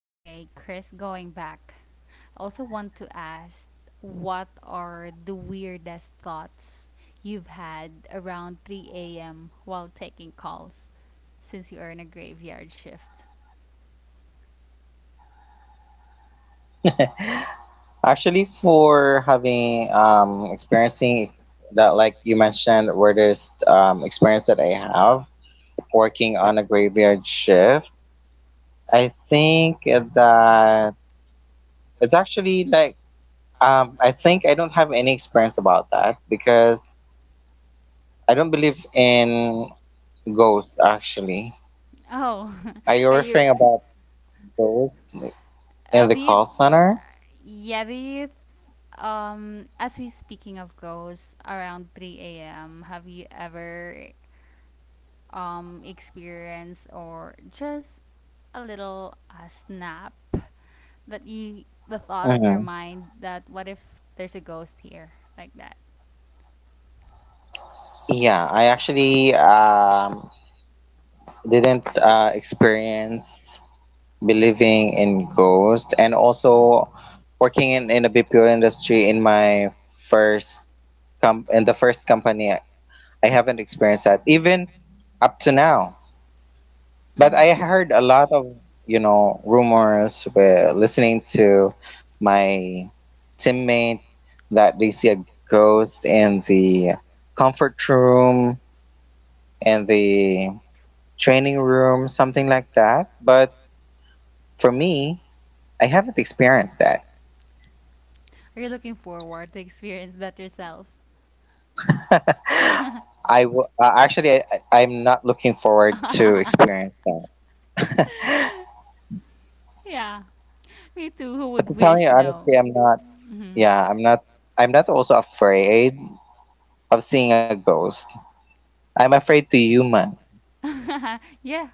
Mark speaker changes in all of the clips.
Speaker 1: Okay, Chris, going back. I also want to ask what are the weirdest thoughts you've had around 3 a.m. while taking calls since you are in a graveyard shift?
Speaker 2: Actually, for having experiencing that, like you mentioned, weirdest experience that I have working on a graveyard shift, I think that it's actually I think I don't have any experience about that because I don't believe in ghosts. Actually,
Speaker 1: Oh, are
Speaker 2: are you
Speaker 1: you.
Speaker 2: referring about ghosts like,
Speaker 1: Do
Speaker 2: in
Speaker 1: you.
Speaker 2: the call center?
Speaker 1: Yeah, do you. As we speaking of ghosts, around 3 a.m., have you ever experience or just a little snap that you the thought of your
Speaker 2: hmm
Speaker 1: mind that what if there's a ghost here like that.
Speaker 2: Yeah, I actually didn't experience believing in ghosts and also working in the BPO industry in my first in the first company I haven't experienced that even up to now, but I
Speaker 1: Mm.
Speaker 2: heard a lot of rumors where listening to my teammates that they see a ghost in the comfort room and the training room, something like that. But for me, I haven't experienced that.
Speaker 1: Are you looking forward to experience that yourself?
Speaker 2: I w- actually I- I'm not looking forward to experience that.
Speaker 1: Yeah, me too, who
Speaker 2: But to
Speaker 1: would
Speaker 2: tell you
Speaker 1: wish? No.
Speaker 2: honestly, I'm not.
Speaker 1: Mhm.
Speaker 2: Yeah, I'm not. I'm not also afraid of seeing a ghost. I'm afraid to human.
Speaker 1: Yeah.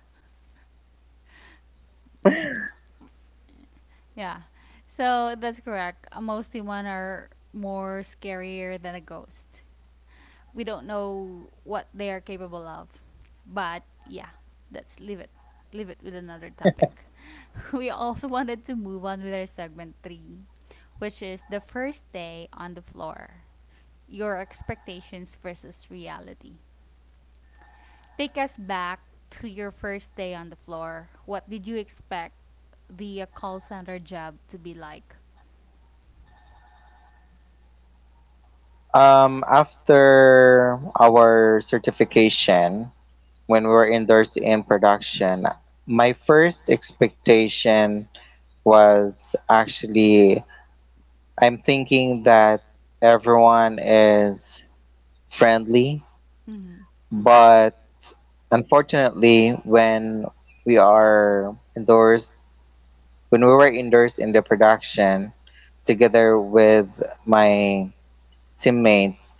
Speaker 1: Yeah. So that's correct. Mostly one are more scarier than a ghost. We don't know what they are capable of. But yeah, let's leave it. Leave it with another topic. We also wanted to move on with our segment three, which is the first day on the floor. Your expectations versus reality. Take us back to your first day on the floor. What did you expect the call center job to be like?
Speaker 2: After our certification, when we were indoors in production, my first expectation was actually I'm thinking that everyone is friendly,
Speaker 1: Mm-hmm.
Speaker 2: but unfortunately, we are indoors, when we were indoors in the production together with my teammates,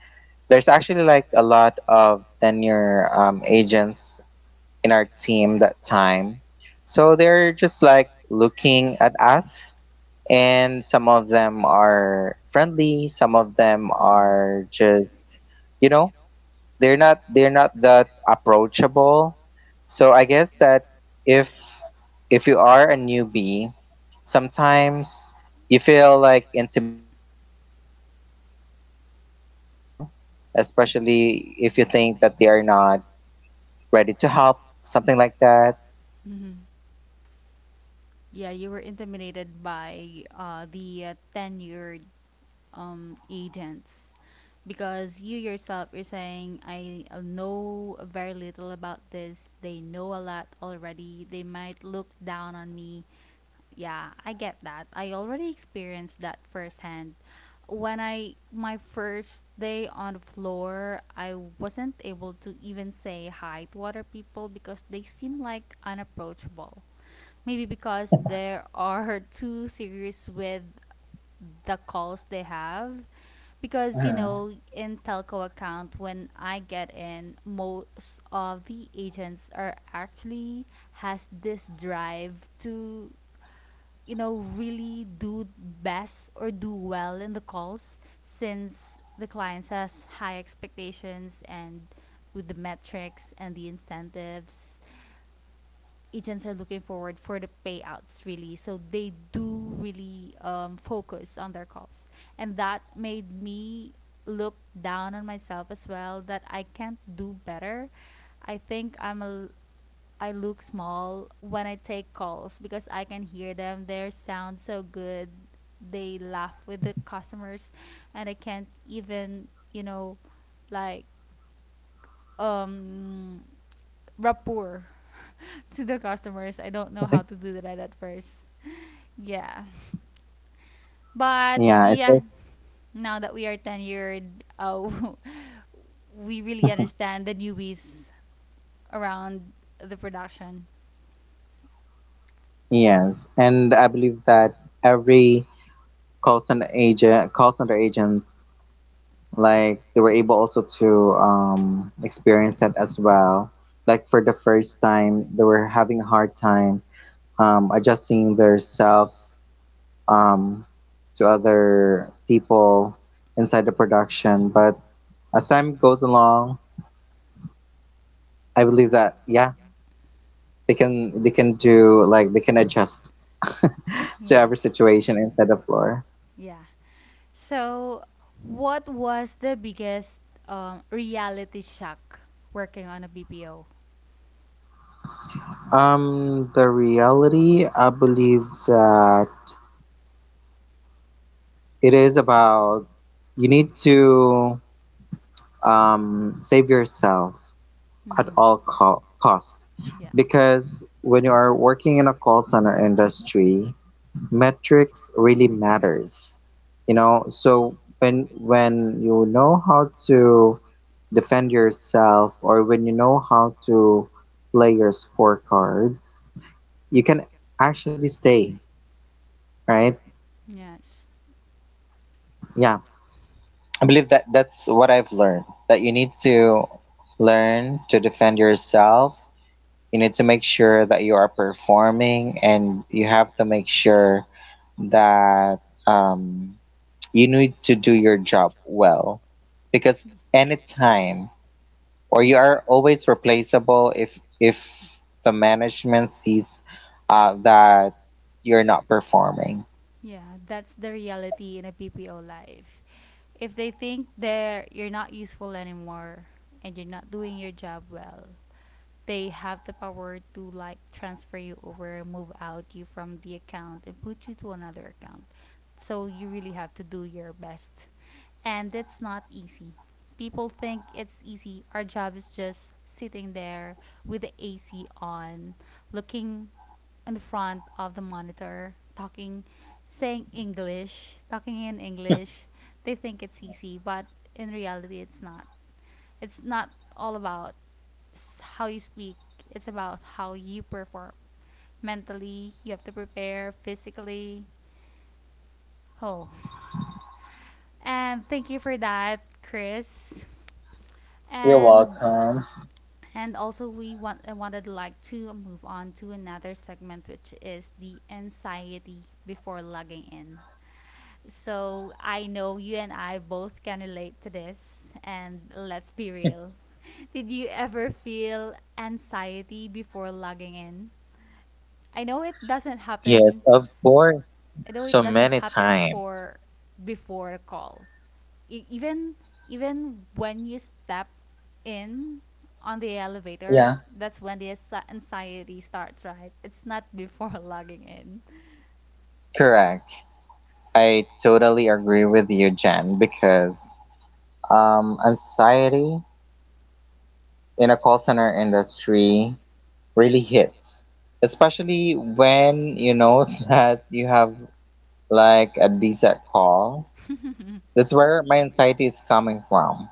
Speaker 2: there's actually like a lot of tenure agents in our team that time. So they're just like looking at us, and some of them are friendly, some of them
Speaker 1: Mm-mm.
Speaker 2: are just, you know, they're not that approachable. So I guess that if if you are a newbie, sometimes you feel like intimidated to your teammates as well, especially if you think that they are not ready to help, something like that.
Speaker 1: Mm-hmm. Yeah, you were intimidated by the tenured agents because you yourself you're saying I know very little about this. They know a lot already. They might look down on me. Yeah, I get that. I already experienced that firsthand. When I my first day on the floor, I wasn't able to even say hi to other people because they seem like unapproachable. Maybe because there are too serious with the calls they have because you
Speaker 2: Mhm.
Speaker 1: know in telco account when I get in most of the agents are actually has this drive to, you know, really do best or do well in the calls since the clients has high expectations and with the metrics and the incentives agents are looking forward for the payouts really, so they do really focus on their calls, and that made me look down on myself as well that I can't do better i think i'm a I look small when I take calls because I can hear them. Their sound so good. They laugh with the customers and I can't even, you know, like um rapport to the customers. I don't know how to do that at first. Yeah. But
Speaker 2: Yeah, it's
Speaker 1: yeah, now that we are tenured, uh, we really
Speaker 2: like,
Speaker 1: understand the newbies around the production.
Speaker 2: yes, and I believe that every call center agents like they were able also to experience that as well, like for the first time they were having a hard time adjusting themselves, um, to other people inside the production. But as time goes along, I believe that yeah, they can do like they can adjust to every
Speaker 1: Yes.
Speaker 2: situation inside the floor.
Speaker 1: Yeah. So, what was the biggest reality shock working on a BPO?
Speaker 2: The reality I believe that it is about you need to save yourself at
Speaker 1: Mm-hmm.
Speaker 2: all cost,
Speaker 1: Yeah.
Speaker 2: because when you are working in a call center industry, metrics really matters, you know. So when you know how to defend yourself, or when you know how to play your scorecards, you can actually stay right.
Speaker 1: Yes.
Speaker 2: Yeah, I believe that that's what I've learned, that you need to learn to defend yourself. You need to make sure that you are performing, and you have to make sure that um, you need to do your job well. Because anytime, or you are always replaceable if the management sees that you're not performing.
Speaker 1: Yeah, that's the reality in a BPO life. If they think they're you're not useful anymore, and you're not doing your job well, they have the power to like transfer you over, move out you from the account, and put you to another account. So you really have to do your best. And that's not easy. People think it's easy. Our job is just sitting there with the AC on, looking in the front of the monitor, talking, saying English, talking in English. They think it's easy, but in reality, it's not. It's not all about how you speak, it's about how you perform. Mentally, you have to prepare, physically. Oh. And thank you for that, Chris,
Speaker 2: You're
Speaker 1: and
Speaker 2: welcome.
Speaker 1: and also we want I wanted like to move on to another segment, which is the anxiety before logging in. So I know you and I both can relate to this, and let's be real. Did you ever feel anxiety before logging in? I know it doesn't happen.
Speaker 2: Yes, of course.
Speaker 1: I know it
Speaker 2: So
Speaker 1: doesn't
Speaker 2: many
Speaker 1: happen for
Speaker 2: times.
Speaker 1: before a call. Even even when you step in on the elevator,
Speaker 2: Yeah.
Speaker 1: that's when the anxiety starts, right? It's not before logging in.
Speaker 2: Correct. I totally agree with you, Jen, because anxiety in a call center industry really hits, especially when you know that you have like a decent call. That's where my anxiety is coming from.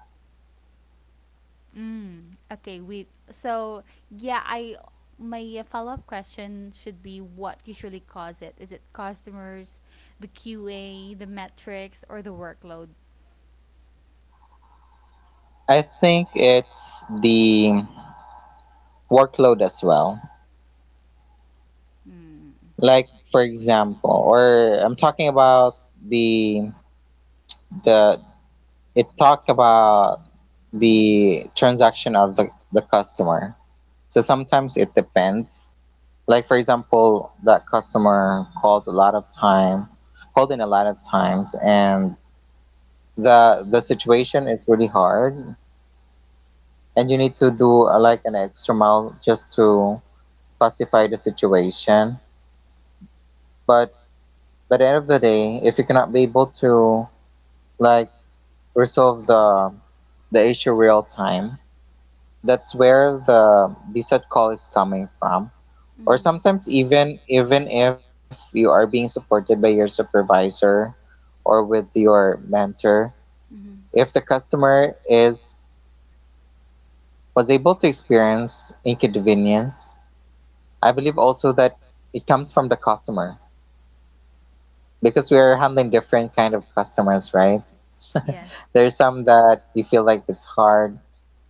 Speaker 1: Mm, okay, wait. So yeah, I my follow up question should be what usually cause it? Is it customers, the QA, the metrics, or the workload?
Speaker 2: I think it's the workload as well.
Speaker 1: Mm.
Speaker 2: Like for example or I'm talking about the the it talk about the transaction of the customer. So sometimes it depends. Like for example, that customer calls a lot of time, called in a lot of times, and the situation is really hard, and you need to do like an extra mile just to pacify the situation. But by the end of the day, if you cannot be able to like resolve the issue real time, that's where the set call is coming from.
Speaker 1: Or
Speaker 2: Or
Speaker 1: mm-hmm,
Speaker 2: sometimes
Speaker 1: sometimes
Speaker 2: even,
Speaker 1: even
Speaker 2: even
Speaker 1: even
Speaker 2: if
Speaker 1: if
Speaker 2: you are being
Speaker 1: you are
Speaker 2: supported
Speaker 1: being
Speaker 2: by your
Speaker 1: supported by your
Speaker 2: supervisor
Speaker 1: supervisor.
Speaker 2: or with your mentor,
Speaker 1: Mm-hmm.
Speaker 2: if the customer is was able to experience inconvenience, I believe also that it comes from the customer, because we are handling different kind of customers, right?
Speaker 1: Yes.
Speaker 2: There's some that you feel like it's hard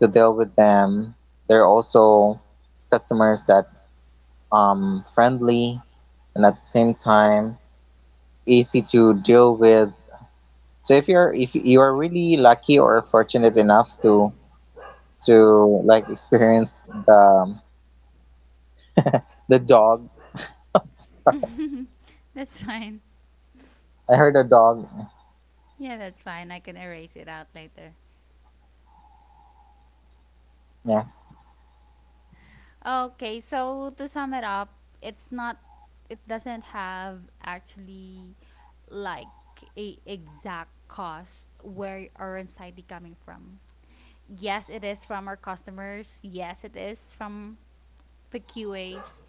Speaker 2: to deal with them. There are also customers that friendly and at the same time easy to deal with. So if you are really lucky or fortunate enough to like experience the dog, I'm so sorry.
Speaker 1: That's fine.
Speaker 2: I heard a dog.
Speaker 1: Yeah, that's fine. I can erase it out later.
Speaker 2: Yeah,
Speaker 1: Okay, so to sum it up, it's not, it doesn't have actually like a exact cost where our anxiety coming from. Yes, it is from our customers. Yes, it is from the QAs.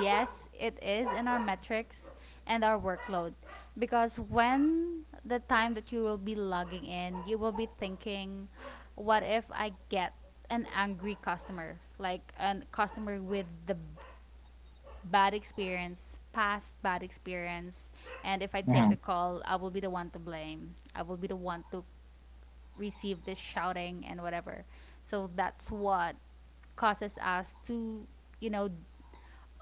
Speaker 1: Yes, it is in our metrics and our workload. Because when the time that you will be logging in, you will be thinking, what if I get an angry customer? Like a customer with the bad experience, past bad experience. And if I take
Speaker 2: Mhm.
Speaker 1: the call, I will be the one to blame. I will be the one to receive this shouting and whatever. So that's what causes us to, you know,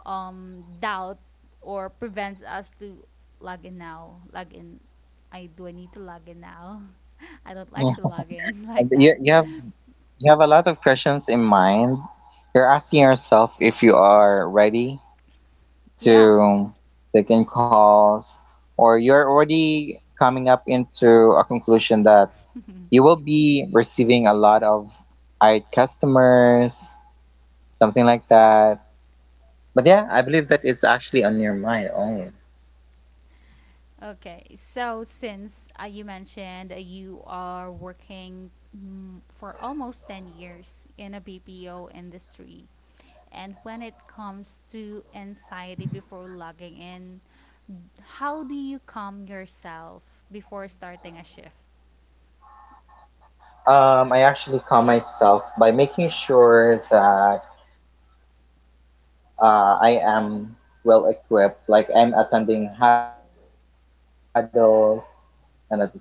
Speaker 1: doubt or prevents us to log in now. Log in. I do I need to log in now? I don't
Speaker 2: yeah.
Speaker 1: like to log in
Speaker 2: And
Speaker 1: like that.
Speaker 2: You have a lot of questions in mind. You're asking yourself if you are ready
Speaker 1: Yeah.
Speaker 2: to take in calls, or you're already coming up into a conclusion that you will be receiving a lot of I customers, something like that. But yeah, I believe that it's actually on your mind only.
Speaker 1: Okay, so since you mentioned you are working for almost 10 years in a BPO industry, and when it comes to anxiety before logging in, how do you calm yourself before starting a shift?
Speaker 2: I actually calm myself by making sure that I am well equipped. Like I'm attending huddles, and at the same time making sure that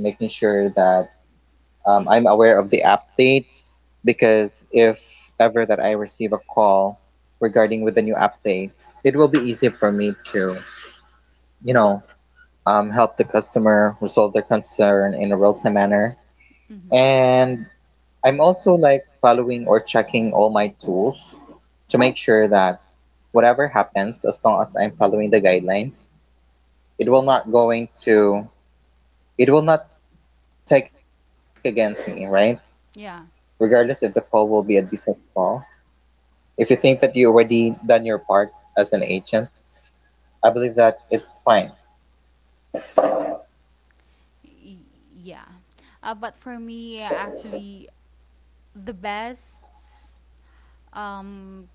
Speaker 2: I'm aware of the updates. Because if ever that I receive a call regarding with the new updates, it will be easy for me to, you know, help the customer resolve their concern in a real time manner.
Speaker 1: Mm-hmm.
Speaker 2: And I'm also like following or checking all my tools to make sure that whatever happens, as long as I'm following the guidelines, it will not going to it will not take against me, right?
Speaker 1: Yeah.
Speaker 2: Regardless if the call will be a decent call. If you think that you already done your part as an agent, I believe that it's fine.
Speaker 1: Y- yeah. But for me, actually, the best um,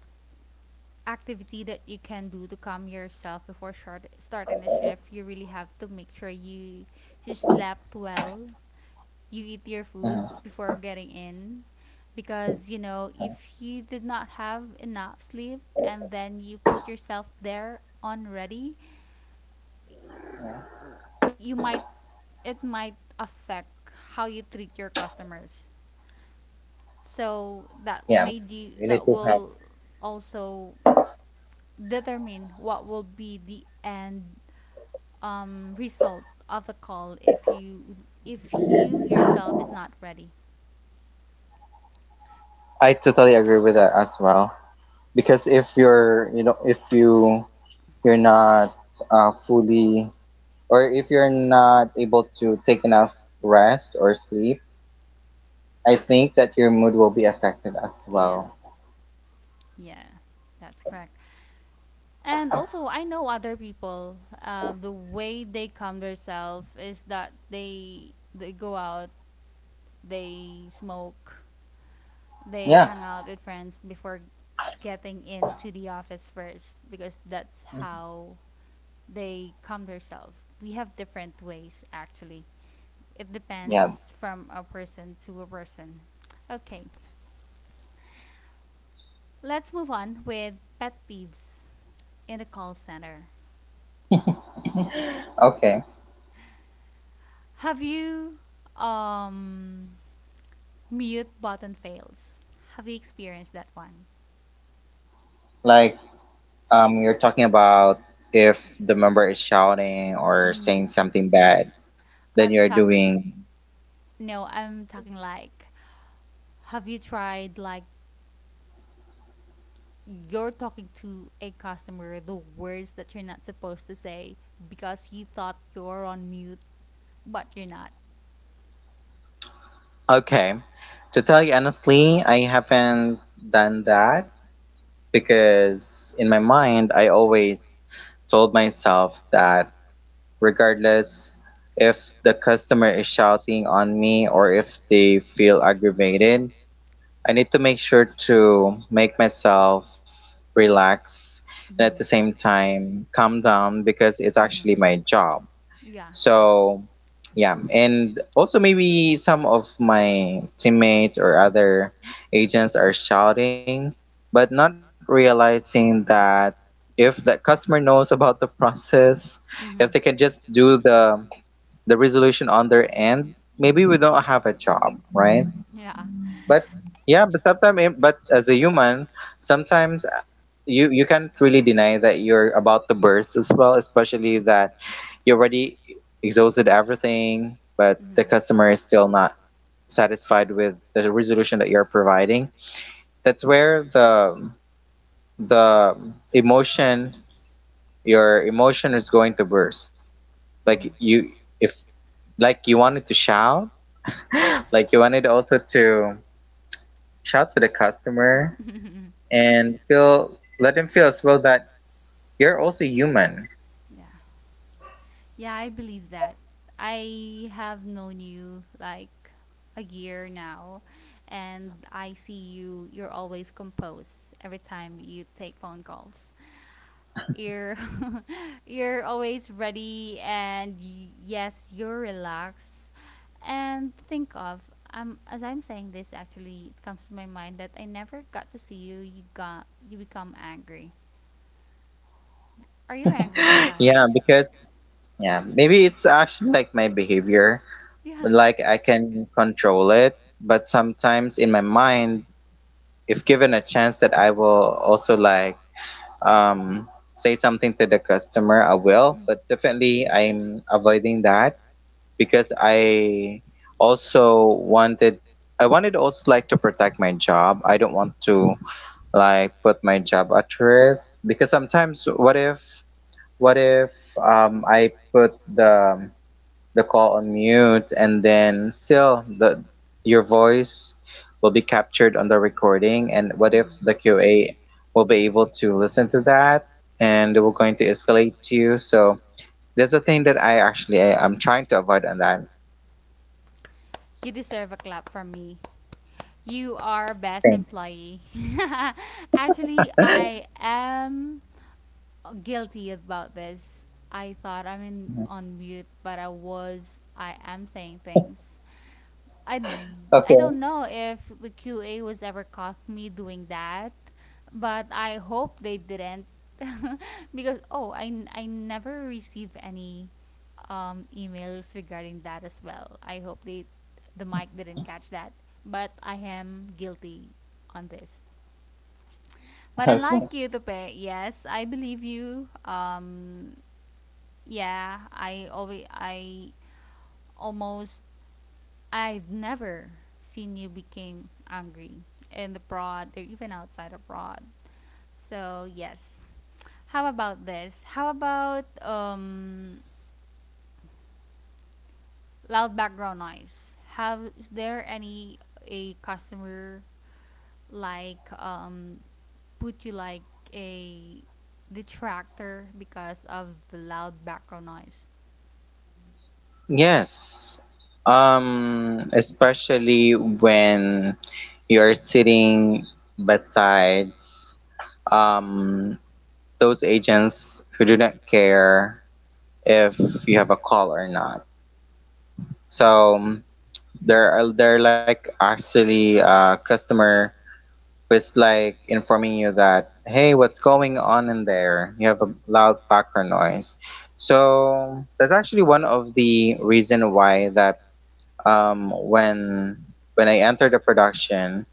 Speaker 1: activity that you can do to calm yourself before starting the shift, you really have to make sure you slept well. You eat your food
Speaker 2: Mhm.
Speaker 1: before getting in. Because, you know, if you did not have enough sleep and then you put yourself there on ready, you might, it might affect how you treat your customers, so that
Speaker 2: Yeah,
Speaker 1: made you
Speaker 2: you
Speaker 1: that
Speaker 2: need to have.
Speaker 1: will also determine what will be the end result of the call if you, if you yourself is not ready.
Speaker 2: I totally agree with that as well. Because if you're, you know, if you you're not fully or if you're not able to take enough rest or sleep, I think that your mood will be affected as
Speaker 1: Yeah,
Speaker 2: well.
Speaker 1: yeah, that's correct. And also I know other people, the way they calm themselves is that they go out, they smoke, they
Speaker 2: Yeah,
Speaker 1: hang out with friends before getting into the office first, because that's how they calm themselves. We have different ways actually. It
Speaker 2: yeah.
Speaker 1: depends from a person to a person. Okay, let's move on with pet peeves in the call center.
Speaker 2: Okay,
Speaker 1: Have you um mute button fails? Have you experienced that one?
Speaker 2: like you're talking about if the member is shouting or
Speaker 1: Mm.
Speaker 2: saying something bad, then
Speaker 1: I'm
Speaker 2: you're
Speaker 1: talking.
Speaker 2: doing
Speaker 1: No, I'm talking like, have you tried like you're talking to a customer the words that you're not supposed to say because you thought you're on mute, but you're not.
Speaker 2: okay. To tell you honestly, I haven't done that, because in my mind I always told myself that regardless if the customer is shouting on me or if they feel aggravated, I need to make sure to make myself relax and at the
Speaker 1: Mhm.
Speaker 2: same time calm down, because it's actually
Speaker 1: Mhm.
Speaker 2: my job.
Speaker 1: Yeah.
Speaker 2: So, yeah, and also maybe some of my teammates or other agents are shouting, but not realizing that if that customer knows about the process, if they can
Speaker 1: Mhm.
Speaker 2: just do the resolution on their end, maybe we don't have a job, right?
Speaker 1: Yeah.
Speaker 2: But yeah, but sometimes, but as a human, sometimes you can't really deny that you're about to burst as well, especially that you already exhausted everything, but the customer is still not satisfied with the resolution that you're providing. That's where the emotion your emotion is going to burst. Like
Speaker 1: Mhm.
Speaker 2: you if like you wanted to shout, like you wanted also to shout to the customer
Speaker 1: Mhm.
Speaker 2: and feel let them feel as well that you're also human.
Speaker 1: Yeah. Yeah, I believe that. I have known you like a year now, and I see you, you're always composed every time you take phone calls. You're you're always ready and yes, you're relaxed and think of as I'm saying this, actually it comes to my mind that I never got to see you you got you become angry. Are you angry
Speaker 2: Yeah,
Speaker 1: sometimes?
Speaker 2: because yeah, maybe it's actually like my behavior, but
Speaker 1: Yeah.
Speaker 2: like I can control it. But sometimes in my mind, if given a chance that I will also like um say something to the customer, I will, but definitely I'm avoiding that because I also wanted, I wanted also like to protect my job. I don't want to like put my job at risk, because sometimes what if, what if I put the call on mute and then still the your voice will be captured on the recording, and
Speaker 1: Mhm.
Speaker 2: what
Speaker 1: Mhm.
Speaker 2: if the QA will be able to listen to that and
Speaker 1: Yeah.
Speaker 2: they were going to escalate to you? So that's the thing that I'm trying to avoid on that.
Speaker 1: You deserve a clap from me. You are best employee. Actually, I am guilty about this. I thought I'm in on mute, but I was. I am saying things. I I
Speaker 2: Okay,
Speaker 1: don't know if the QA was ever caught me doing that, but I hope they didn't because oh, I never receive any emails regarding that as well. I hope they, the mic didn't catch that, but I am guilty on this. But
Speaker 2: okay.
Speaker 1: unlike you, Tope, yes, I believe you. Yeah, I always I almost, I've never seen you became angry in the abroad or even outside abroad. So yes. How about this? How about loud background noise? Have is there any a customer like put you like a detractor because of the loud background noise?
Speaker 2: Yes. Especially when you're sitting besides um, those agents who do not care if you have a call or not. So there are they're like actually a customer who's like informing you that hey, what's going on in there? You have a loud background noise. So that's actually one of the reason why that um, when when I enter the production,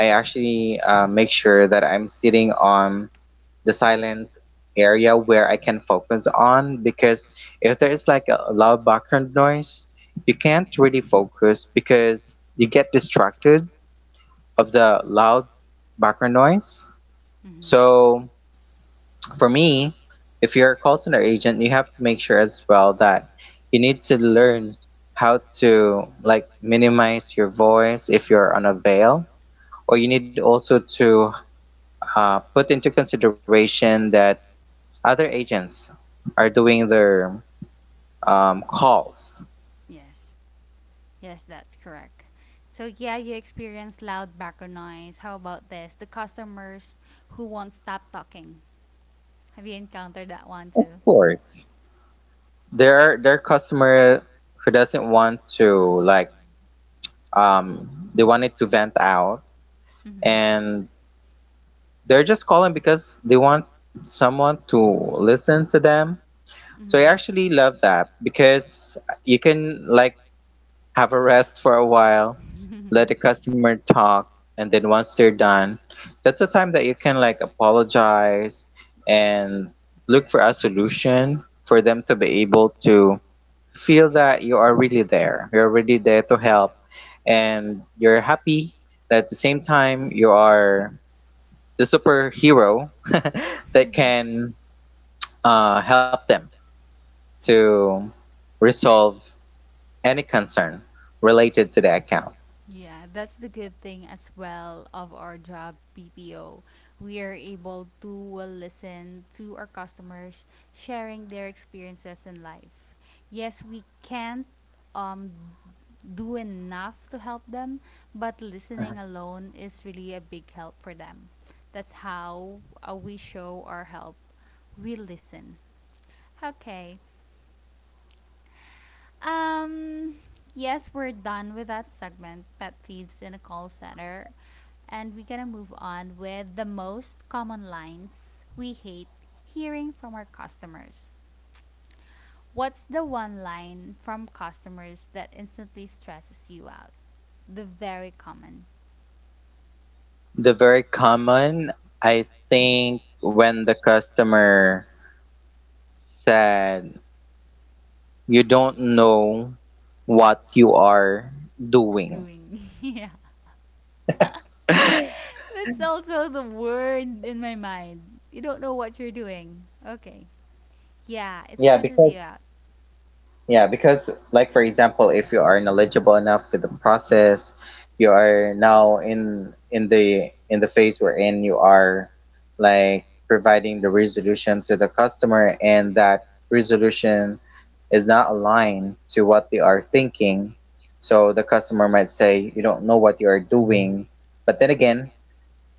Speaker 2: I actually make sure that I'm sitting on the silent area where I can focus on, because if there is like a loud background noise, you can't really focus because you get distracted of the loud background noise.
Speaker 1: Mm-hmm. So
Speaker 2: So for me, if you're a call center agent, you have to make sure as well that you need to learn how to like minimize your voice if you're on a veil, or you need also to put into consideration that other agents are doing their calls.
Speaker 1: yes. Yes, that's correct. So yeah, you experience loud background noise. How about this? The customers who won't stop talking. Have you encountered that one
Speaker 2: Of
Speaker 1: too?
Speaker 2: course, there are customer who doesn't want to like they want it to vent out,
Speaker 1: Mhm.
Speaker 2: and they're just calling because they want someone to listen to them. So I actually love that because you can like have a rest for a while, let
Speaker 1: Mhm.
Speaker 2: the customer talk, and then once they're done, that's the time that you can like apologize and look for a solution for them to be able to feel that you are really there. You're really there to help and you're happy. But at the same time, you are the superhero that can help them to resolve any concern related to the account.
Speaker 1: Yeah, that's the good thing as well of our job BPO. We are able to listen to our customers sharing their experiences in life. Yes, we can't um do enough to help them, but listening alone is really a big help for them. That's how we show our help. We listen. Okay. Um, yes, we're done with that segment, pet thieves in a call center, and we're gonna move on with the most common lines we hate hearing from our customers. What's the one line from customers that instantly stresses you out? The very common
Speaker 2: The very common, I think, when the customer said, "You don't know what you are doing."
Speaker 1: doing. Yeah. That's also the word in my mind. You don't know what you're doing. Okay. Yeah, it
Speaker 2: Yeah,
Speaker 1: stresses
Speaker 2: because
Speaker 1: you out.
Speaker 2: yeah, because like for example, if you are knowledgeable enough with the process, you are now in the phase wherein you are like providing the resolution to the customer, and that resolution is not aligned to what they are thinking. So the customer might say, "You don't know what you are doing." But then again,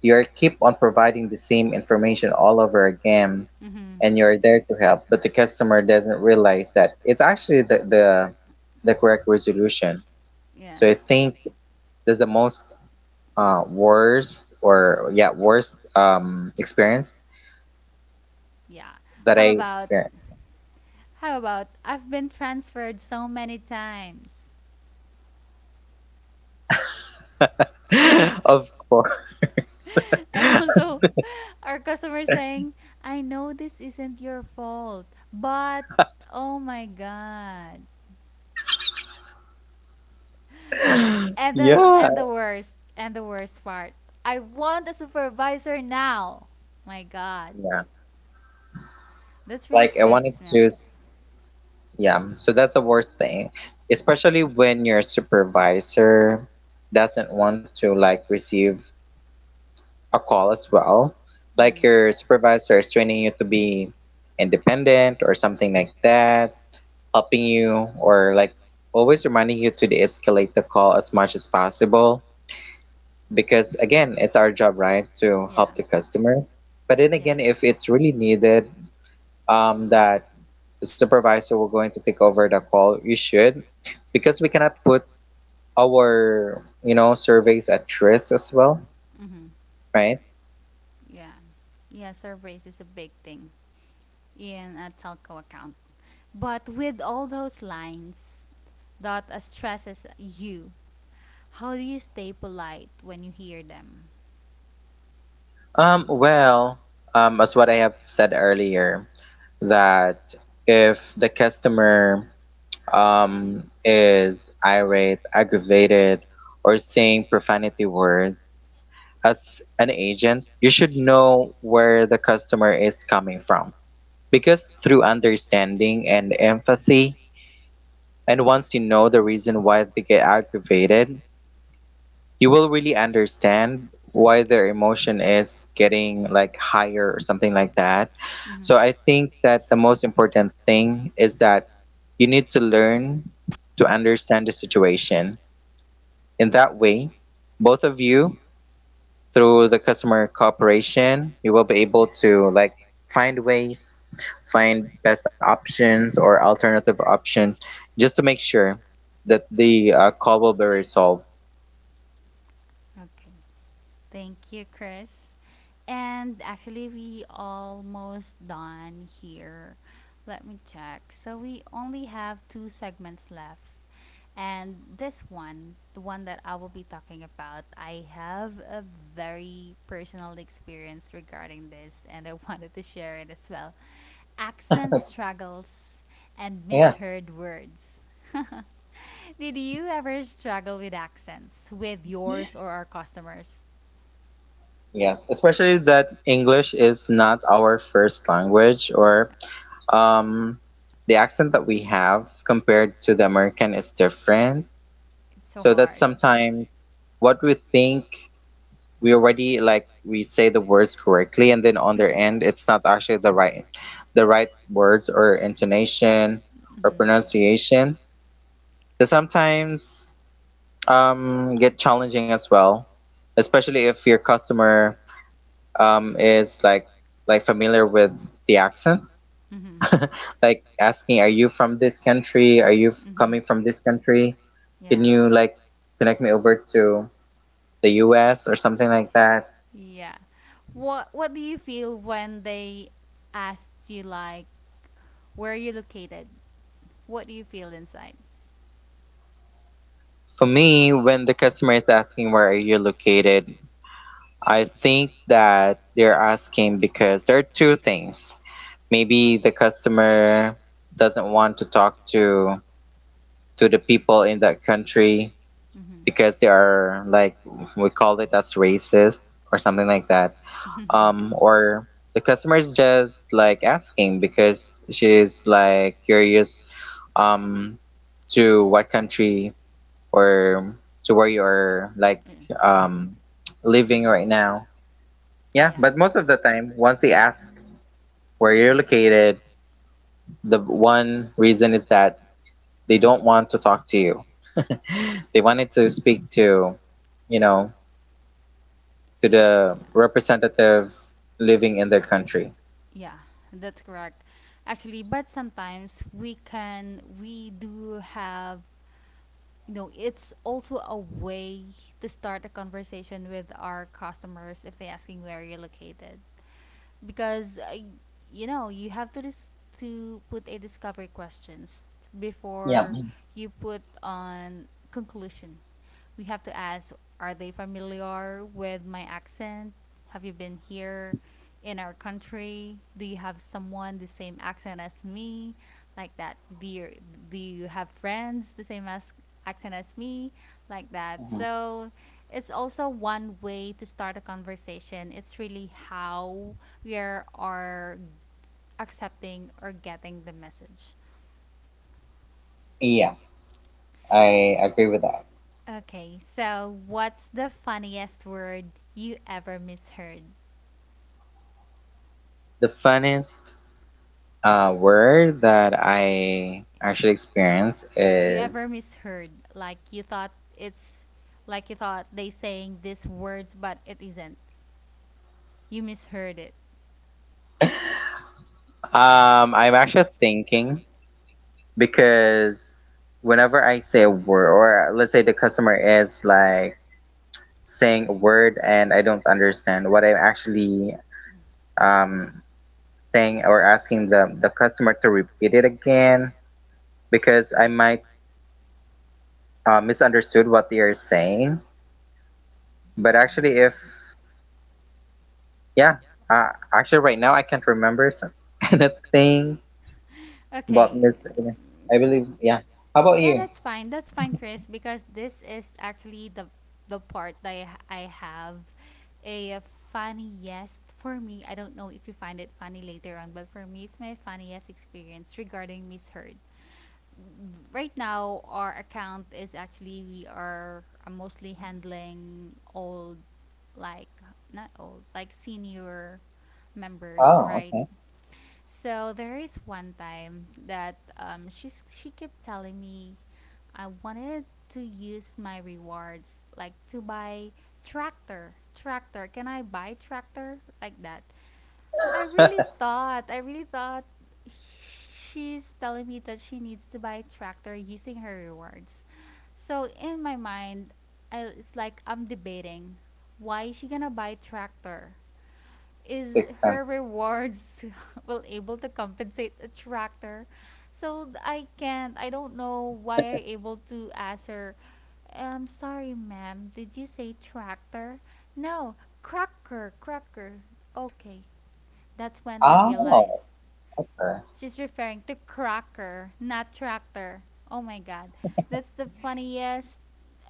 Speaker 2: you're keep on providing the same information all over again,
Speaker 1: Mm-hmm.
Speaker 2: and you're there to help, but the customer doesn't realize that it's actually the correct resolution. So I
Speaker 1: Yes.
Speaker 2: think that's the most worst, or yeah, worst experience
Speaker 1: Yeah.
Speaker 2: that I
Speaker 1: How about
Speaker 2: experienced.
Speaker 1: how about I've been transferred so many times.
Speaker 2: Of
Speaker 1: Course.
Speaker 2: course.
Speaker 1: And also our customer saying, "I know this isn't your fault, but oh my god," and the,
Speaker 2: Yeah,
Speaker 1: and the worst, and the worst part. I want a supervisor now. My God,
Speaker 2: yeah,
Speaker 1: that's really
Speaker 2: like I
Speaker 1: stresses
Speaker 2: wanted
Speaker 1: me out.
Speaker 2: to. Yeah, so that's the worst thing, especially when your supervisor doesn't want to like receive a call as well. Like
Speaker 1: Mm-hmm.
Speaker 2: your supervisor is training you to be independent or something like that, helping you or like always reminding you to de-escalate the call as much as possible because again, it's our job, right, to
Speaker 1: Yeah,
Speaker 2: help the customer. But then
Speaker 1: yeah.
Speaker 2: again, if it's really needed, that the supervisor will going to take over the call, you should, because we cannot put our, you know, surveys at risk as well,
Speaker 1: Mm-hmm.
Speaker 2: right.
Speaker 1: Yeah. Yeah, surveys is a big thing in a telco account. But with all those lines that stresses you, how do you stay polite when you hear them?
Speaker 2: Well, as what I have said earlier, that if the customer is irate, aggravated, or saying profanity words, as an agent you should know where the customer is coming from because through understanding and empathy. And once you know the reason why they get aggravated, you will really understand why their emotion is getting like higher or something like that.
Speaker 1: Mm-hmm.
Speaker 2: So I think that the most important thing is that you need to learn to understand the situation. In that way, both of you, through the customer cooperation, you will be able to like find ways, find best options or alternative option, just to make sure that the call will be resolved.
Speaker 1: Okay. Thank you, Chris. And actually, we almost done here. Let me check. So we only have two segments left. And this one, the one that I will be talking about, I have a very personal experience regarding this and I wanted to share it as well. Accent struggles and
Speaker 2: Yeah.
Speaker 1: misheard words. Did you ever struggle with accents with yours or our customers?
Speaker 2: Yes, especially that English is not our first language, or um, the accent that we have compared to the American is different.
Speaker 1: It's so
Speaker 2: So that
Speaker 1: hard.
Speaker 2: sometimes what we think, we already like we say the words correctly, and then on their end it's not actually the right words or intonation or
Speaker 1: hmm
Speaker 2: pronunciation, that sometimes get challenging as well, especially if your customer is like familiar with the accent.
Speaker 1: hmm
Speaker 2: Like asking, are you from this country, are you
Speaker 1: hmm
Speaker 2: coming from this country, can
Speaker 1: Yeah.
Speaker 2: you like connect me over to the US or something like that.
Speaker 1: Yeah. What do you feel when they asked you like where are you located? What do you feel inside?
Speaker 2: For me, when the customer is asking where are you located, I think that they're asking because there are two things. Maybe the customer doesn't want to talk to the people in that country
Speaker 1: Mm-hmm.
Speaker 2: because they are like, we call it as racist or something like that. Or the customer is just like asking because she's like curious, um to what country, or to where you're like um, living right now. Yeah,
Speaker 1: yeah,
Speaker 2: but most of the time, once they ask where you're located, the one reason is that they don't want to talk to you. They wanted to speak to, you know, to the representative living in their country.
Speaker 1: yeah, that's correct. Actually, but sometimes we can, we do have, it's also a way to start a conversation with our customers if they're asking where you're located, because you know, you have to to put a discovery questions
Speaker 2: Yeah.
Speaker 1: before you put on conclusion. We have to ask, are they familiar with my accent? Have you been here in our country? Do you have someone the same accent as me, like that? Do you have friends the same as accent as me, like that?
Speaker 2: Mhm.
Speaker 1: So it's also one way to start a conversation. It's really how we are accepting or getting the message.
Speaker 2: Yeah, I agree with that.
Speaker 1: Okay, so what's the funniest word you ever misheard?
Speaker 2: The funniest word that I actually experienced
Speaker 1: You
Speaker 2: is,
Speaker 1: ever misheard? Like you thought it's like you thought they saying these words, but it isn't. You misheard it.
Speaker 2: I'm actually thinking, because whenever I say a word, or let's say the customer is like saying a word and I don't understand what I'm actually um, saying, or asking the customer to repeat it again because I might misunderstood what they are saying. But actually, if, yeah, actually, right now I can't remember some, anything about
Speaker 1: Okay,
Speaker 2: Miss. I believe, yeah. How about
Speaker 1: yeah,
Speaker 2: you?
Speaker 1: that's fine. That's fine, Chris, because this is actually the part that I have a funny yes for me. I don't know if you find it funny later on, but for me, it's my funniest experience regarding misheard. Right now, our account is actually we are mostly handling old, like not old, like senior members,
Speaker 2: Oh,
Speaker 1: right?
Speaker 2: okay.
Speaker 1: So there is one time that she kept telling me I wanted to use my rewards like to buy tractor. Tractor. Can I buy tractor, like that? I really thought she's telling me that she needs to buy tractor using her rewards. So in my mind, it's like I'm debating, why is she gonna buy tractor? Is
Speaker 2: Six
Speaker 1: her
Speaker 2: times.
Speaker 1: rewards will able to compensate a tractor? So I can't. I don't know why I able to ask her. I'm sorry, ma'am. Did you say tractor? No, cracker, cracker. Okay, that's when I realized.
Speaker 2: Oh, okay.
Speaker 1: She's referring to cracker, not tractor. Oh my god. That's the funniest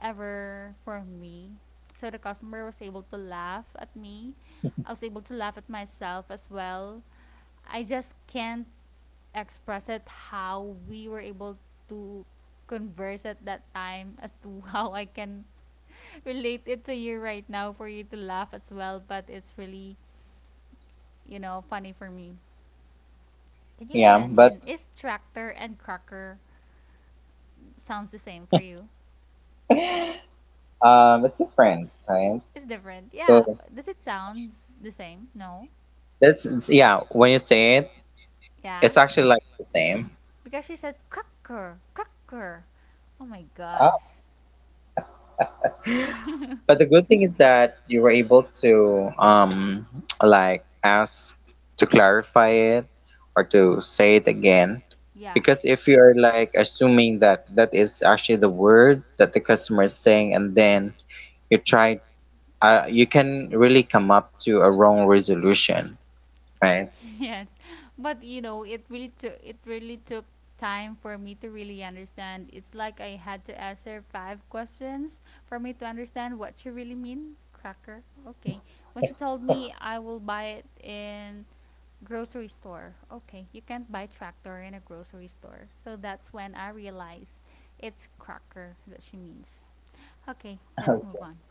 Speaker 1: ever for me. So the customer was able to laugh at me. I was able to laugh at myself as well. I just can't express it how we were able to converse at that time as to how I can relate it to you right now for you to laugh as well. But it's really, you know, funny for me. Can you
Speaker 2: Yeah, but
Speaker 1: imagine? Is tractor and cracker sounds the same for you?
Speaker 2: it's different, right?
Speaker 1: It's different. Yeah.
Speaker 2: So
Speaker 1: Does it sound the same? No.
Speaker 2: yeah. When you say it,
Speaker 1: Yeah.
Speaker 2: it's actually like the same.
Speaker 1: Because she said cracker, cracker. Oh my gosh.
Speaker 2: Oh, but the good thing is that you were able to like ask to clarify it or to say it again,
Speaker 1: yeah.
Speaker 2: because if you're like assuming that that is actually the word that the customer is saying, and then you try, you can really come up to a wrong resolution, right?
Speaker 1: Yes, but you know, it really took time for me to really understand. It's like I had to answer five questions for me to understand what you really mean, cracker. Okay, when she told me I will buy it in grocery store. Okay, you can't buy tractor in a grocery store. So that's when I realized it's cracker that she means. Okay, let's move on.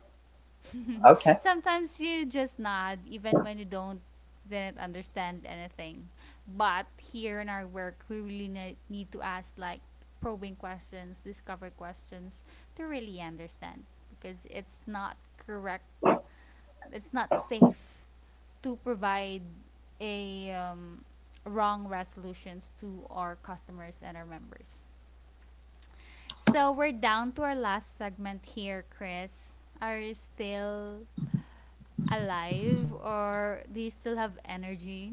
Speaker 2: Okay.
Speaker 1: Sometimes you just nod even when you don't didn't understand anything. But here in our work, we really need to ask like probing questions, discover questions to really understand because it's not correct. It's not safe to provide a wrong resolutions to our customers and our members. So we're down to our last segment here, Chris. Are you still alive or do you still have energy?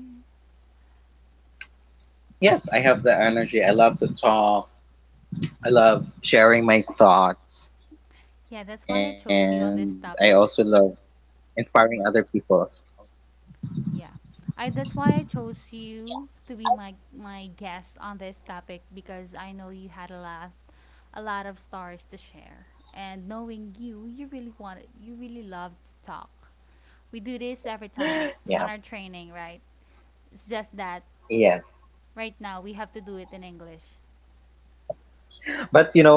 Speaker 2: Yes, I have the energy. I love to talk. I love sharing my thoughts.
Speaker 1: Yeah, that's why
Speaker 2: And
Speaker 1: I
Speaker 2: I
Speaker 1: chose
Speaker 2: also
Speaker 1: you on
Speaker 2: love
Speaker 1: this topic.
Speaker 2: inspiring other people.
Speaker 1: Yeah. I That's why I chose you to be my guest on this topic because I know you had a lot of stories to share. And knowing you, you really wanted you really love to talk. We do this every time
Speaker 2: Yeah.
Speaker 1: on our training, right? It's just that
Speaker 2: Yes.
Speaker 1: right now we have to do it in English.
Speaker 2: But you know,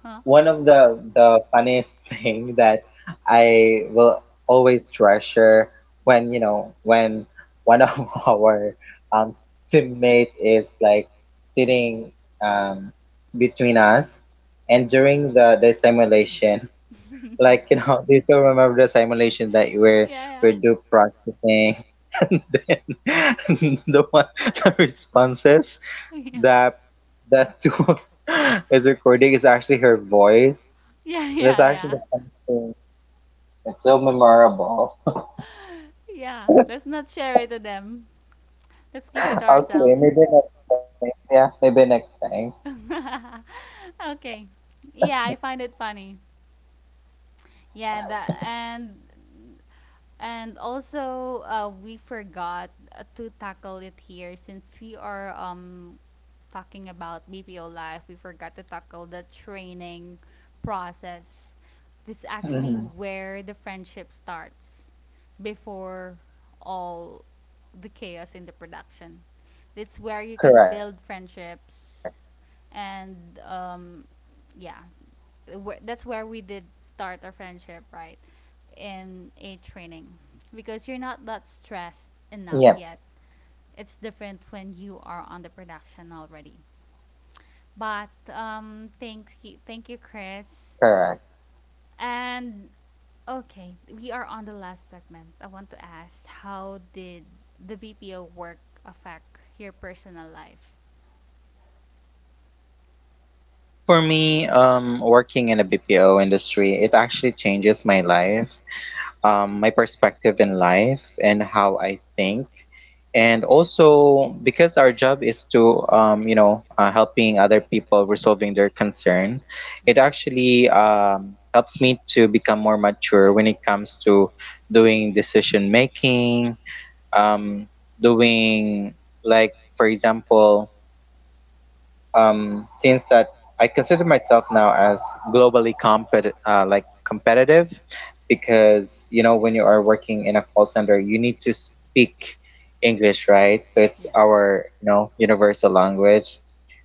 Speaker 2: one of the funniest thing that I will always treasure when, you know, when one of our um teammate is like sitting um between us, and during the simulation. Like, you know, they still remember the simulation that you
Speaker 1: yeah, yeah.
Speaker 2: were do practicing and then the one, the responses that that tool is recording is actually her voice.
Speaker 1: Yeah,
Speaker 2: That's
Speaker 1: yeah,
Speaker 2: actually
Speaker 1: yeah.
Speaker 2: the funny thing. It's so memorable.
Speaker 1: Yeah. Let's not share it to them. Let's keep it to
Speaker 2: Okay,
Speaker 1: ourselves.
Speaker 2: maybe next time. Yeah, maybe next time.
Speaker 1: okay. Yeah, I find it funny. Yeah, that and also, we forgot to tackle it here since we are talking about BPO life. We forgot to tackle the training process. This is actually where the friendship starts before
Speaker 2: Hmm.
Speaker 1: all the chaos in the production. That's where you can
Speaker 2: Correct.
Speaker 1: build friendships and um, yeah, that's where we did start our friendship, right? In a training because you're not that stressed enough
Speaker 2: Yep,
Speaker 1: yet. It's different when you are on the production already. But thanks, thank you, Chris.
Speaker 2: correct.
Speaker 1: And okay, we are on the last segment. I want to ask, how did the BPO work affect your personal life?
Speaker 2: For me, working in a BPO industry, it actually changes my life. My perspective in life and how I think. And also because our job is to, you know, helping other people resolving their concern, it
Speaker 1: Mm-hmm.
Speaker 2: actually helps me to become more mature when it comes to doing decision making, um, doing, like, for example, since that I consider myself now as globally compet like competitive, because you know when you are working in a call center you need to speak English, right, so it's
Speaker 1: Yeah.
Speaker 2: our, you know, universal language.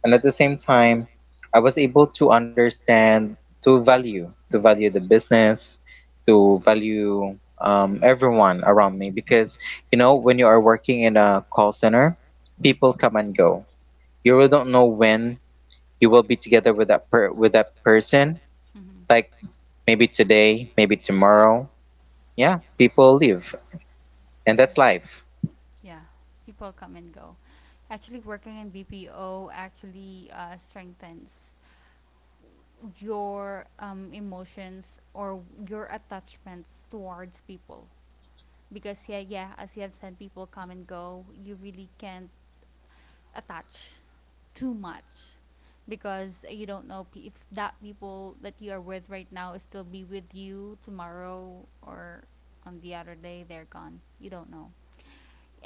Speaker 2: And at the same time, I was able to understand to value the business, to value everyone around me, because you know when you are working in a call center, people come and go, you really don't know when you will be together with with that person,
Speaker 1: Mm-hmm.
Speaker 2: like maybe today, maybe tomorrow, yeah, people live, and
Speaker 1: Yeah.
Speaker 2: that's life.
Speaker 1: Yeah. People come and go. Actually, working in BPO actually strengthens your emotions or your attachments towards people. Because, yeah, yeah, as you have said, people come and go. You really can't attach too much because you don't know if that people that you are with right now is still be with you tomorrow or on the other day they're gone, you don't know.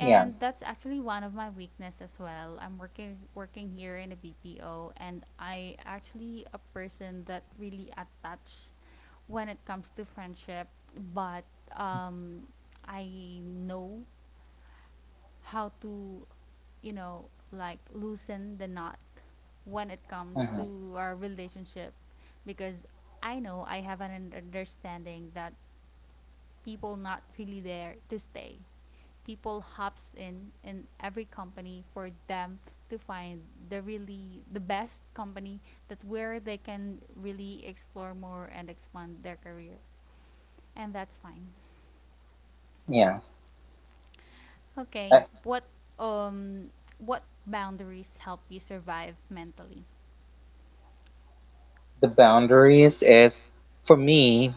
Speaker 2: Yeah.
Speaker 1: that's actually one of my weakness as well. I'm working here in a BPO and I actually a person that really attached when it comes to friendship. But um I know how to, you know, like loosen the knot when it
Speaker 2: Uh-huh.
Speaker 1: comes to our relationship because I know I have an understanding that people not really there to stay. People hops in every company for them to find the really the best company that where they can really explore more and expand their career. And that's fine.
Speaker 2: Yeah.
Speaker 1: Okay.
Speaker 2: uh,
Speaker 1: Um what boundaries help you survive mentally?
Speaker 2: the boundaries is, for me,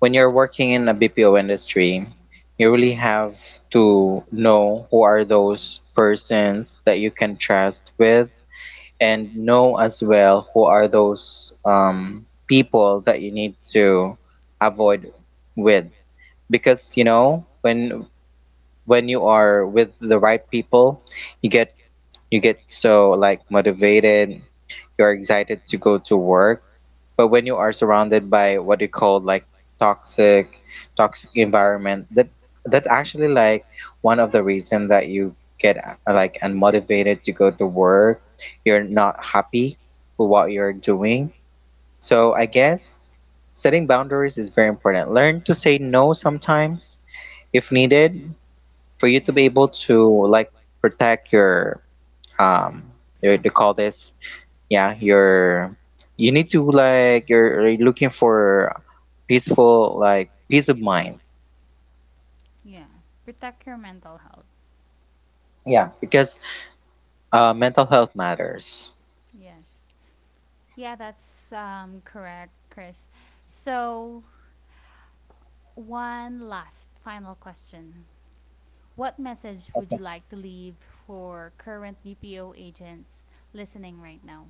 Speaker 2: when you're working in a BPO industry, you really have to know who are those persons that you can trust with, and know as well who are those people that you need to avoid with. Because you know when you are with the right people, you get you get so like motivated, you're excited to go to work. But when you are surrounded by what you call like toxic, toxic environment, that that's actually like one of the reason that you get like unmotivated to go to work, you're not happy with what you're doing. So I guess setting boundaries is very important. Learn to say no sometimes if needed, for you to
Speaker 1: Yeah.
Speaker 2: be able to like protect your um
Speaker 1: Self.
Speaker 2: they call this, yeah, your — you need to like, you're looking for peaceful, like peace of mind.
Speaker 1: Yeah. Protect your mental health.
Speaker 2: Yeah, because mental health matters.
Speaker 1: Yes. Yeah, that's correct, Chris. So, one last final question. What message would you like to leave for current BPO agents listening right now?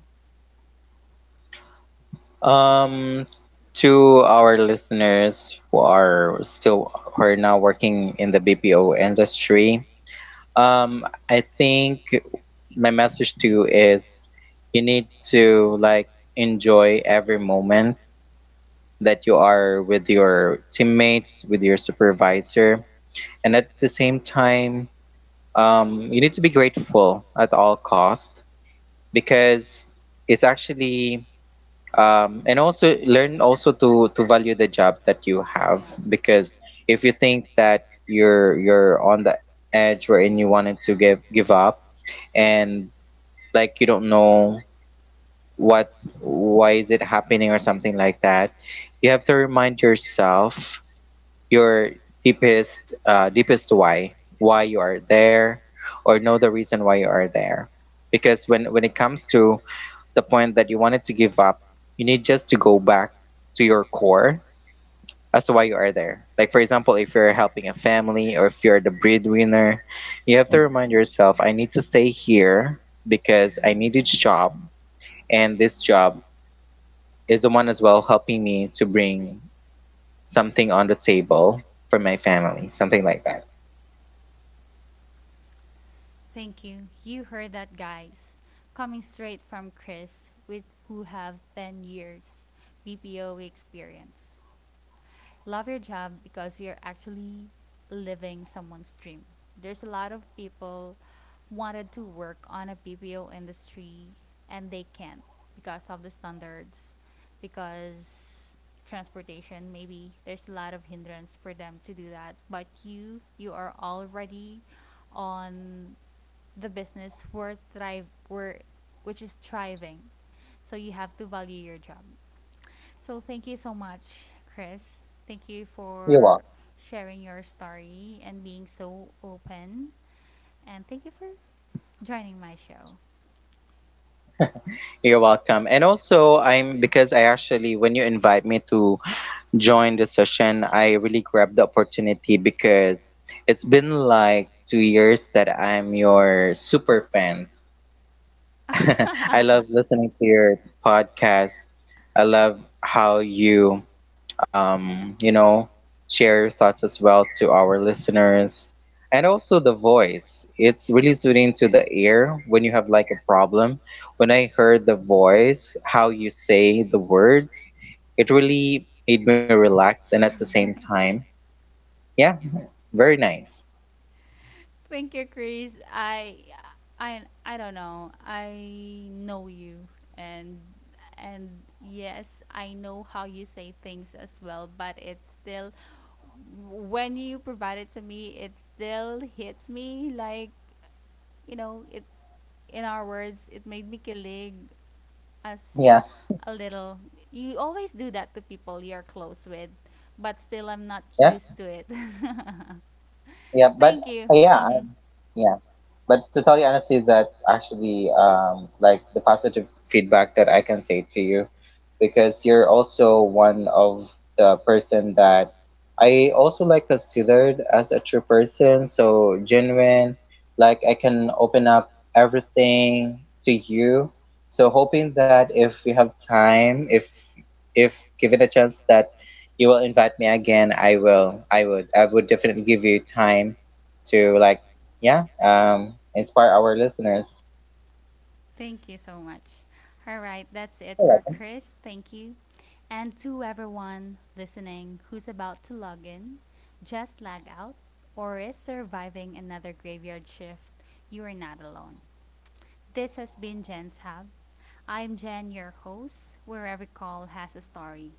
Speaker 2: um to our listeners who are still, who are now working in the BPO industry, I think my message to you is you need to like enjoy every moment that you are with your teammates, with your supervisor, and at the same time, you need to be grateful at all cost, because it's actually and also learn also to value the job that you
Speaker 1: Yeah.
Speaker 2: have. Because if you think that you're on the edge wherein you wanted to give up, and like you don't know what, why is it happening or something like that, you have to remind yourself your deepest deepest why you are there, or know the reason why you are there. Because when it comes to the point that you wanted to give up, you need just to go back to your core as to why you are there. Like, for example, if you're helping a family or if you're the breadwinner, you have to remind yourself, I need to stay here because I need this job. And this job is the one as well helping me to bring something on the table for my family, something like that.
Speaker 1: Thank you. You heard that, guys. Coming straight from Chris, with who have 10 years BPO experience. Love your job because you're actually living someone's dream. There's a lot of people wanted to work on a BPO industry and they can't because of the standards, because transportation maybe there's a lot of hindrance for them to do that. But you are already on the business where thrive where which is thriving. So you have to value your job. So thank you so much, Chris. Thank you
Speaker 2: You're welcome.
Speaker 1: for sharing your story and being so open. And thank you for joining my show.
Speaker 2: You're welcome. And also, I'm — because I actually, when you invite me to join the session, I really grabbed the opportunity because it's been like 2 years that I'm your super fan. I love listening to your podcast. I love how you you know, share your thoughts as well to our listeners. And also the voice. It's really soothing to the ear when you have like a problem. When I heard the voice, how you say the words, it really made me relax, and at the same time, yeah, very nice.
Speaker 1: thank you, Chris. I don't know. I know you and and yes, I know how you say things as well, but it's still when you provide it to me, it still hits me like, you know, it in our words, it made me kilig as
Speaker 2: Yeah,
Speaker 1: a little. You always do that to people you're close with, but still I'm not
Speaker 2: yeah,
Speaker 1: used to it.
Speaker 2: yeah. But
Speaker 1: Thank you.
Speaker 2: yeah, yeah. But to tell you honestly, that's actually like the positive feedback that I can say to you, because you're also one of the person that I also like considered as a true person, so genuine, like I can open up everything to you. So hoping that if we have time, if given a chance that you will invite me again, I will. I would. I would definitely give you time to like yeah, inspire our listeners.
Speaker 1: Thank you so much. All right, that's it
Speaker 2: You're
Speaker 1: for
Speaker 2: welcome.
Speaker 1: Chris. Thank you. And to everyone listening who's about to log in, just lag out, or is surviving another graveyard shift, you are not alone. This has been Jen's Hub. I'm Jen, your host, where every call has a story.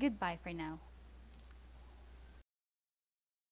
Speaker 1: Goodbye for now.
Speaker 2: Bye bye.